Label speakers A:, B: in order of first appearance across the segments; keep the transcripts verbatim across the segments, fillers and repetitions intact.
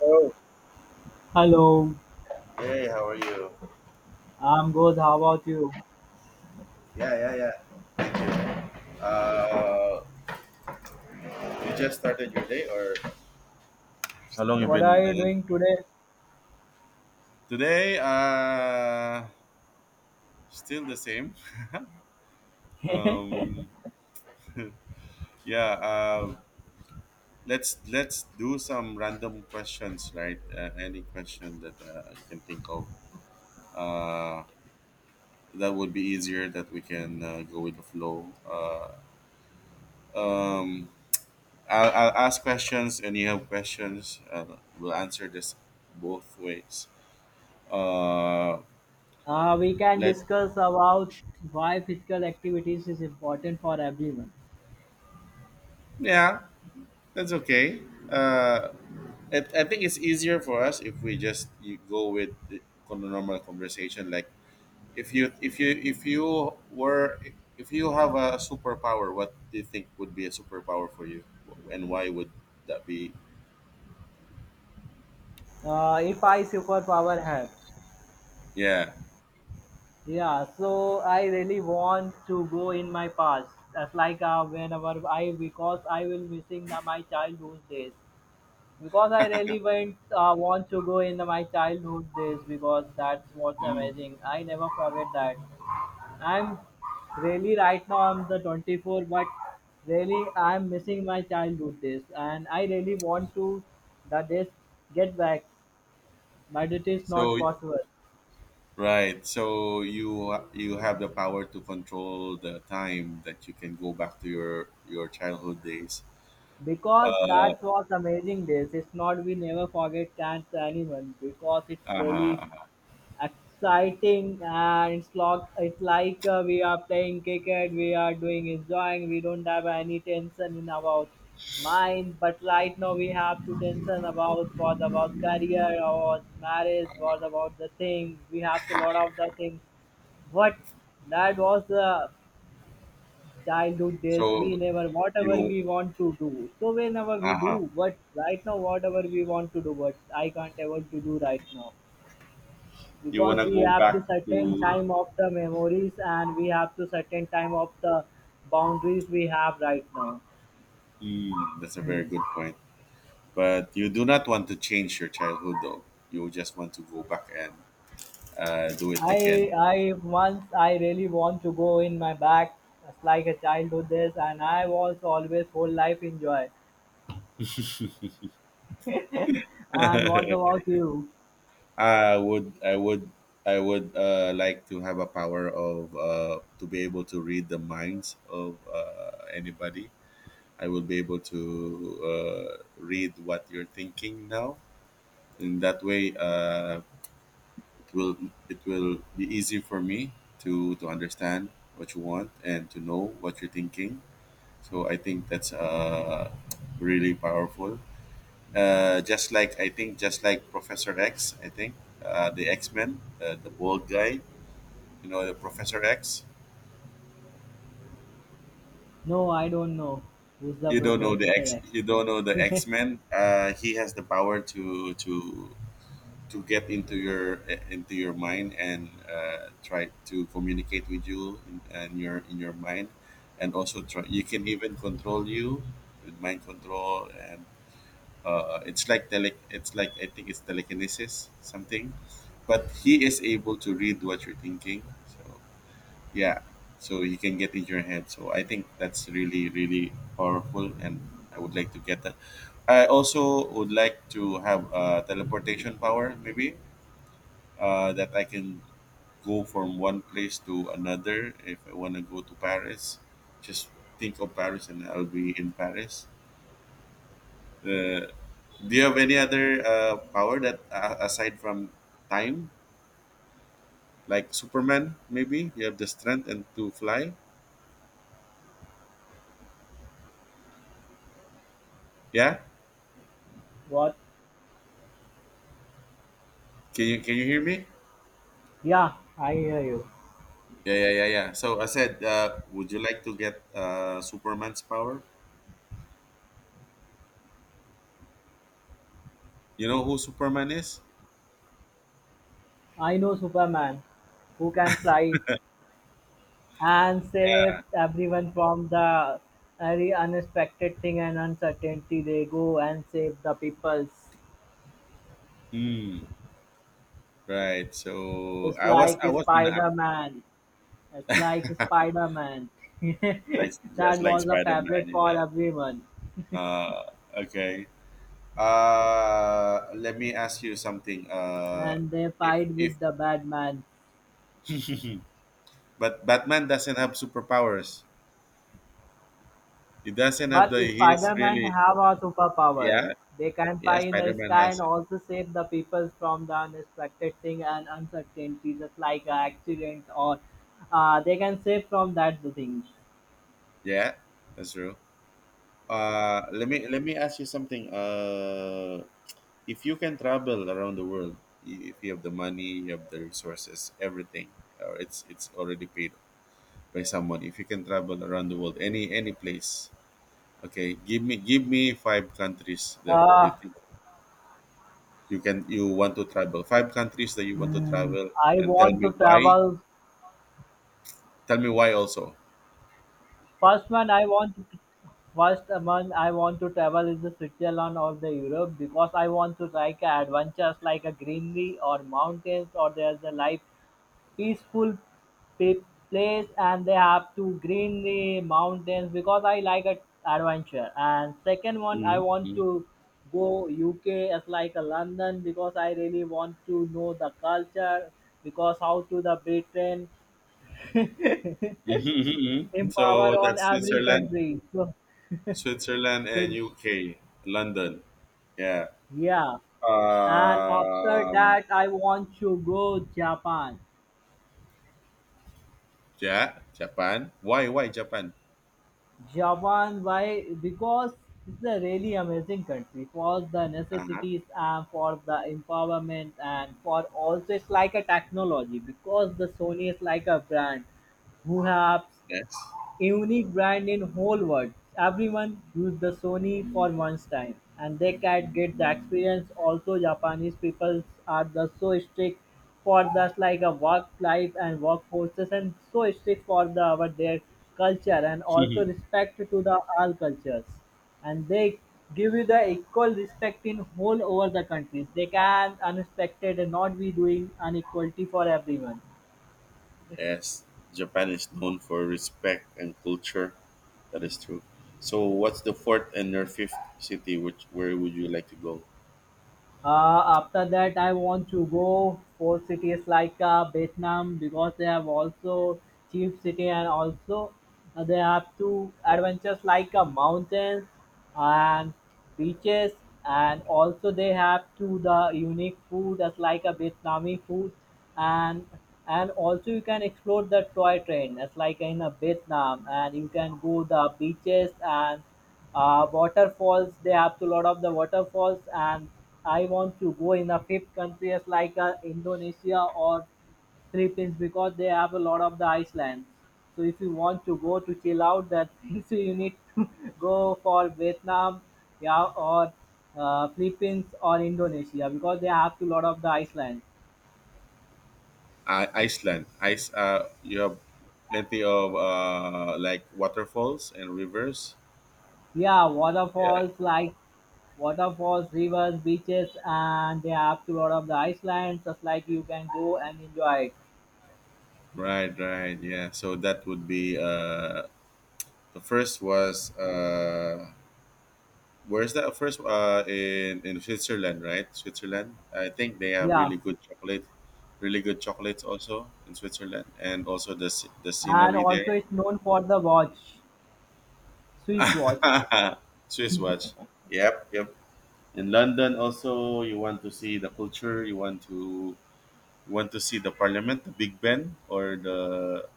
A: Oh,
B: Hello,
A: hey, how are you?
B: I'm good. How about you?
A: Yeah, yeah, yeah. Uh, you just started your day, or how long you
B: What are
A: been?
B: you doing
A: Uh,
B: today?
A: today, uh, still the same. Um, yeah. Uh, let's let's do some random questions, right? Uh, any question that uh, you can think of. Uh, that would be easier. That we can uh, go with the flow. Uh, um, I'll, I'll ask questions, and you have questions. Uh, we'll answer this both ways. uh
B: Uh, we can
A: let
B: discuss about why physical activities is important for everyone.
A: yeah that's okay uh I, I think it's easier for us if we just you go with the con- normal conversation like if you if you if you were if you have a superpower, what do you think would be a superpower for you, and why would that be?
B: Uh, if I superpower had,
A: Yeah,
B: yeah, so I really want to go in my past. That's like uh, whenever I, because I will missing the, my childhood days. Because I really went, uh, want to go in the, my childhood days because that's what's amazing. I never forget that. I'm really right now I'm the twenty-four, but really I'm missing my childhood days, and I really want to the days get back, but it is not
A: so
B: possible
A: right, so you you have the power to control the time that you can go back to your your childhood days.
B: because
A: Uh,
B: that was amazing days. It's not we never forget can't anyone because it's
A: uh-huh.
B: really
A: Uh-huh.
B: exciting and it's like it's like uh, we are playing cricket we are doing enjoying we don't have any tension in our mind, but right now we have to tension about what about career or marriage, what about the thing we have to lot of the things, but that was the childhood days we
A: so
B: never whatever
A: you
B: we want to do, so whenever we
A: Uh-huh.
B: do but right now whatever we want to do but I can't able to do right now,
A: You want
B: because
A: to
B: we
A: go
B: have to
A: back
B: certain
A: to.
B: time of the memories and we have to certain time of the boundaries we have right now.
A: Mm, that's a very
B: Hmm.
A: good point. But you do not want to change your childhood, though. You just want to go back and uh, do it
B: i
A: again.
B: i once I really want to go in my back, just like a childhood days and I was always whole life enjoy. And what about you?
A: I would, I would, I would uh, like to have a power of uh, to be able to read the minds of uh, anybody. I will be able to uh, read what you're thinking now. In that way, uh, it will it will be easy for me to to understand what you want and to know what you're thinking, so I think that's uh really powerful. uh just like I think, just like Professor X, I think, uh the X-Men, uh, the bald guy, you know, the Professor X.
B: No, I don't know who's the
A: You don't know the
B: professor
A: X?
B: X.
A: You don't know the X-Men? uh he has the power to to to get into your uh, into your mind and uh, try to communicate with you in, and your in your mind, and also try, you can even control you with mind control, and uh, it's like tele, it's like, I think it's telekinesis, something. But he is able to read what you're thinking, so yeah, so he can get in your head, so I think that's really really powerful, and I would like to get that. I also would like to have uh, teleportation power maybe, uh, that I can go from one place to another. If I want to go to Paris, just think of Paris and I'll be in Paris. Uh, do you have any other uh, power that uh, aside from time, like Superman? Maybe you have the strength and to fly. Yeah,
B: What?
A: can you can you hear me?
B: Yeah, I hear you.
A: Yeah, yeah, yeah, yeah. So I said, uh, would you like to get uh, Superman's power? You know who Superman is?
B: I know Superman, who can fly and save everyone from the very unexpected thing and uncertainty. They go and save the peoples.
A: Hmm. Right. So
B: It's
A: I was
B: like
A: I was gonna.
B: Spider Man. It's like Spider Man.
A: It's
B: That
A: just like
B: was a
A: Spider-Man,
B: favorite for
A: yeah.
B: everyone.
A: Uh, okay. Uh, let me ask you something. Uh,
B: And they
A: if
B: fight
A: if
B: with the bad man.
A: but Batman doesn't have superpowers. He doesn't have
B: But
A: the. He's
B: Spider-Man
A: really
B: have a superpower.
A: yeah.
B: They can
A: Yeah,
B: fly in the
A: Spider-Man
B: sky and
A: has it.
B: also save the people from the unexpected thing and uncertainty, just like uh, accidents or uh, they can save from that thing.
A: Yeah, that's true. Uh, let me let me ask you something. Uh, if you can travel around the world, i- if you have the money, you have the resources, everything, or it's it's already paid by someone. If you can travel around the world, any any place, okay, give me give me five countries that you
B: Uh,
A: think you can you want to travel. Five countries that you want to
B: hmm.
A: travel,
B: I
A: and tell
B: want to
A: me why.
B: travel.
A: Tell me why also.
B: First one I want to first one I want to travel is the Switzerland or the Europe, because I want to like adventures like a greenery or mountains or there's a life peaceful pe- place and they have to green the mountains because I like a adventure. And second one, I want
A: Mm-hmm.
B: to go U K as like a London, because I really want to know the culture, because how to the Britain
A: Mm-hmm.
B: empower
A: So
B: on
A: that's
B: every
A: Switzerland,
B: country. So,
A: Switzerland
B: so
A: and
B: it,
A: U K, London. Yeah.
B: yeah. And after
A: Um.
B: that, I want to go Japan.
A: Yeah. Japan. Why? Why Japan?
B: Japan, why? Because it's a really amazing country for the
A: Uh huh.
B: necessities and for the empowerment and for also it's like a technology, because the Sony is like a brand who have
A: Yes.
B: unique brand in whole world. Everyone used the Sony for once time and they can get the experience. Also Japanese people are the so strict for the like a work life and workforces and so strict for the our their culture and also respect to the all cultures and they give you the equal respect in whole over the countries. They can unexpected and not be doing inequality for everyone.
A: Yes, Japan is known for respect and culture. That is true. So, what's the fourth and your fifth city? Which where would you like to go?
B: Uh, after that, I want to go for cities like uh, Vietnam, because they have also cheap city and also uh, they have two adventures like uh, mountains and beaches, and also they have two the unique food as like a Vietnamese food, and and also you can explore the toy train as like in uh, Vietnam, and you can go the beaches and uh, waterfalls, they have to lot of the waterfalls. And I want to go in the fifth countries like uh, Indonesia or Philippines, because they have a lot of the icelands. So if you want to go to chill out that means you need to go for Vietnam, yeah, or uh, Philippines or Indonesia, because they have to lot of the icelands.
A: I Iceland. Ice. Uh, you have plenty of uh, like waterfalls and rivers.
B: Yeah,
A: Yeah.
B: waterfalls, like waterfalls, rivers, beaches, and they have to lot of the icelands, just like you can go and enjoy it.
A: Right. Right. Yeah. So that would be uh, the first was uh, where's that first? Uh, in in Switzerland, right? Switzerland. I think they have
B: Yeah,
A: really good chocolate, really good chocolates also in Switzerland, and also the sce- the
B: and
A: scenery
B: also
A: there.
B: it's known for the watch, Swiss watch,
A: Swiss watch. Yep, yep. In London also, you want to see the culture. You want to you want to see the Parliament, the Big Ben, or the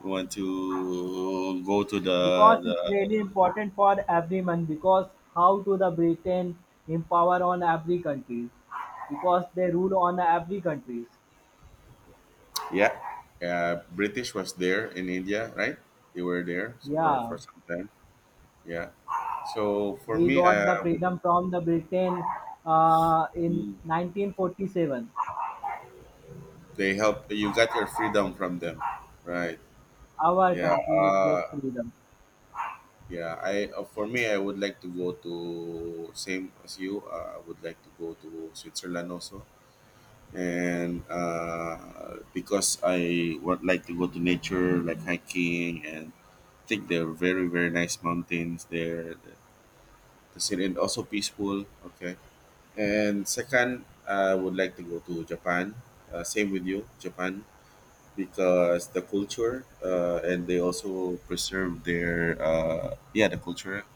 A: you want to go to the
B: because it's
A: the
B: really important for everyone, because how do the Britain empower on every country, because they rule on every countries.
A: yeah. Uh, British was there in India, right? They were there for
B: Yeah,
A: for some time. Yeah. So for
B: we
A: me,
B: got the
A: um,
B: freedom from the Britain uh, in
A: they
B: nineteen forty-seven.
A: help. You got your freedom from them, right?
B: Our
A: Yeah.
B: country
A: Uh,
B: get freedom.
A: yeah. I uh, for me, I would like to go to same as you. Uh, I would like to go to Switzerland also, and uh, because I would like to go to nature, like hiking, and I think there are very very nice mountains there. The, the city and also peaceful. Okay. And second, I would like to go to Japan. Uh, same with you, Japan, because the culture uh, and they also preserve their uh, yeah the culture,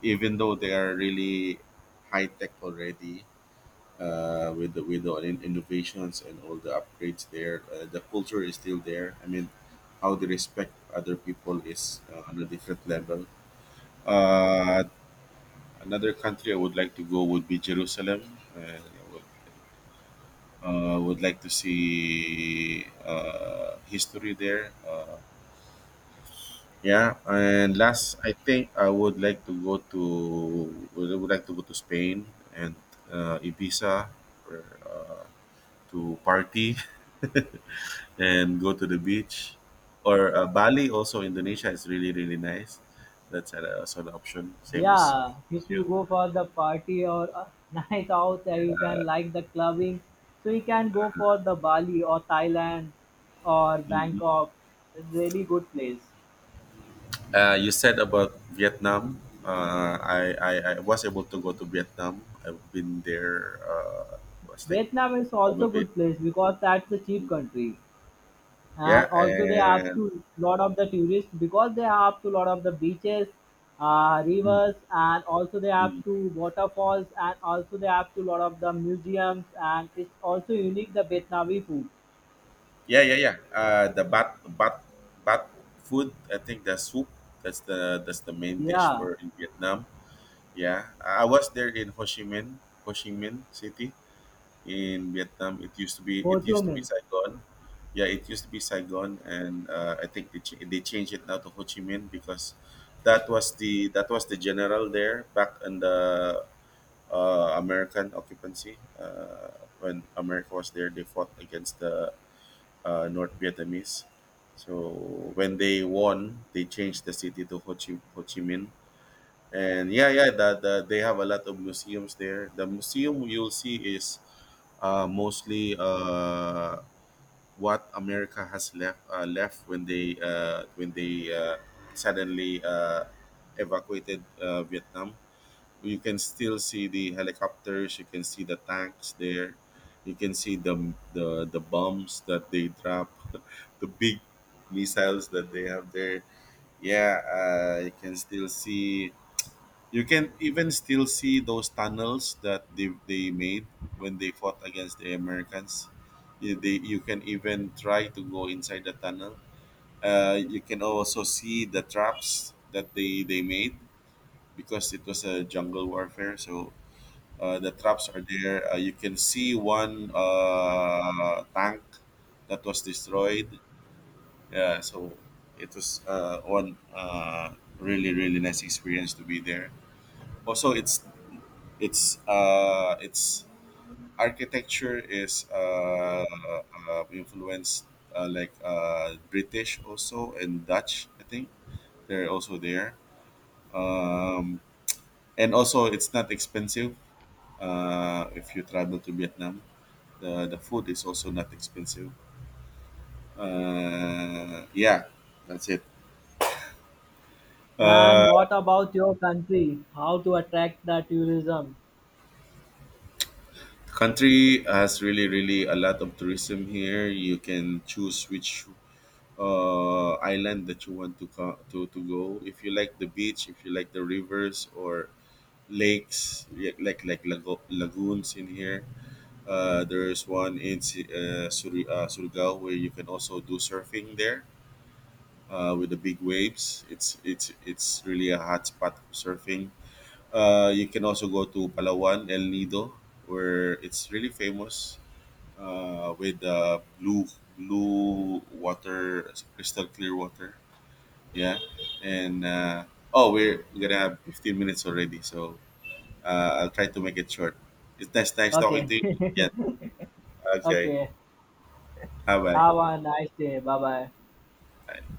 A: even though they are really high tech already, uh, with the, with the in- innovations and all the upgrades there, uh, the culture is still there, I mean, how they respect other people is uh, on a different level. uh, another country I would like to go would be Jerusalem. uh, I would, uh, would like to see uh, history there. uh, Yeah, and last, I think I would like to go to would would like to go to Spain and uh, Ibiza, or, uh, to party and go to the beach, or uh, Bali. Also, Indonesia is really really nice. That's an, also an option, same as
B: Yeah,
A: as
B: if
A: you.
B: you go for the party or a night out, uh, you can like the clubbing. So you can go for the Bali or Thailand or
A: Mhm.
B: Bangkok. It's really good place.
A: Uh, you said about Vietnam. Uh, I, I I was able to go to Vietnam. I've been there. Uh, was like
B: Vietnam is also
A: probably
B: good place, because that's a cheap country. And
A: yeah,
B: also they have
A: and.
B: to lot of the tourists, because they have to lot of the beaches, uh, rivers, and also they have to waterfalls, and also they have to lot of the museums, and it's also unique the Vietnamese food.
A: Yeah, yeah, yeah. Uh, the bat, bat, bat food. I think the soup. That's the that's the main dish
B: Yeah.
A: for in Vietnam. Yeah, I I was there in Ho Chi Minh, Ho Chi Minh City in Vietnam. It used to be
B: Ho
A: it
B: Chi
A: used to be
B: Minh.
A: Saigon. Yeah, it used to be Saigon, and uh, I think they ch- they changed it now to Ho Chi Minh because that was the that was the general there back in the uh, American occupancy. Uh, when America was there, they fought against the uh, North Vietnamese. So when they won, they changed the city to Ho Chi, Ho Chi Minh. And yeah, yeah, the, the, they have a lot of museums there. The museum you'll see is uh, mostly uh, what America has left uh, left when they uh, when they uh, suddenly uh, evacuated uh, Vietnam. You can still see the helicopters, you can see the tanks there, you can see the the, the bombs that they drop, the big missiles that they have there. Yeah, uh, you can still see, you can even still see those tunnels that they, they made when they fought against the Americans. You, they, you can even try to go inside the tunnel. Uh, you can also see the traps that they, they made, because it was a jungle warfare, so uh, the traps are there. Uh, you can see one uh, tank that was destroyed. Yeah, so it was uh, one uh, really really nice experience to be there. Also, it's it's uh, it's architecture is uh, uh, influenced uh, like uh, British also and Dutch. I think they're also there. Um, and also, it's not expensive uh, if you travel to Vietnam. The the food is also not expensive. Uh, yeah, that's it. Uh,
B: And what about your country? How to attract the tourism?
A: the country has really really a lot of tourism here. You can choose which uh, island that you want to co- to to go. If you like the beach, if you like the rivers or lakes, y- like like lago- lagoons in here. Uh, there is one in Si- uh, Suri- uh, Surigao, where you can also do surfing there uh, with the big waves. It's it's it's really a hot spot for surfing. Uh, you can also go to Palawan, El Nido, where it's really famous uh, with uh, blue blue water, crystal clear water. Yeah, and uh, oh, we're gonna have fifteen minutes already, so uh, I'll try to make it short. It's nice, nice talking
B: Okay,
A: to you. Yeah. Okay.
B: okay.
A: Bye
B: Have a nice day. Bye bye.
A: bye.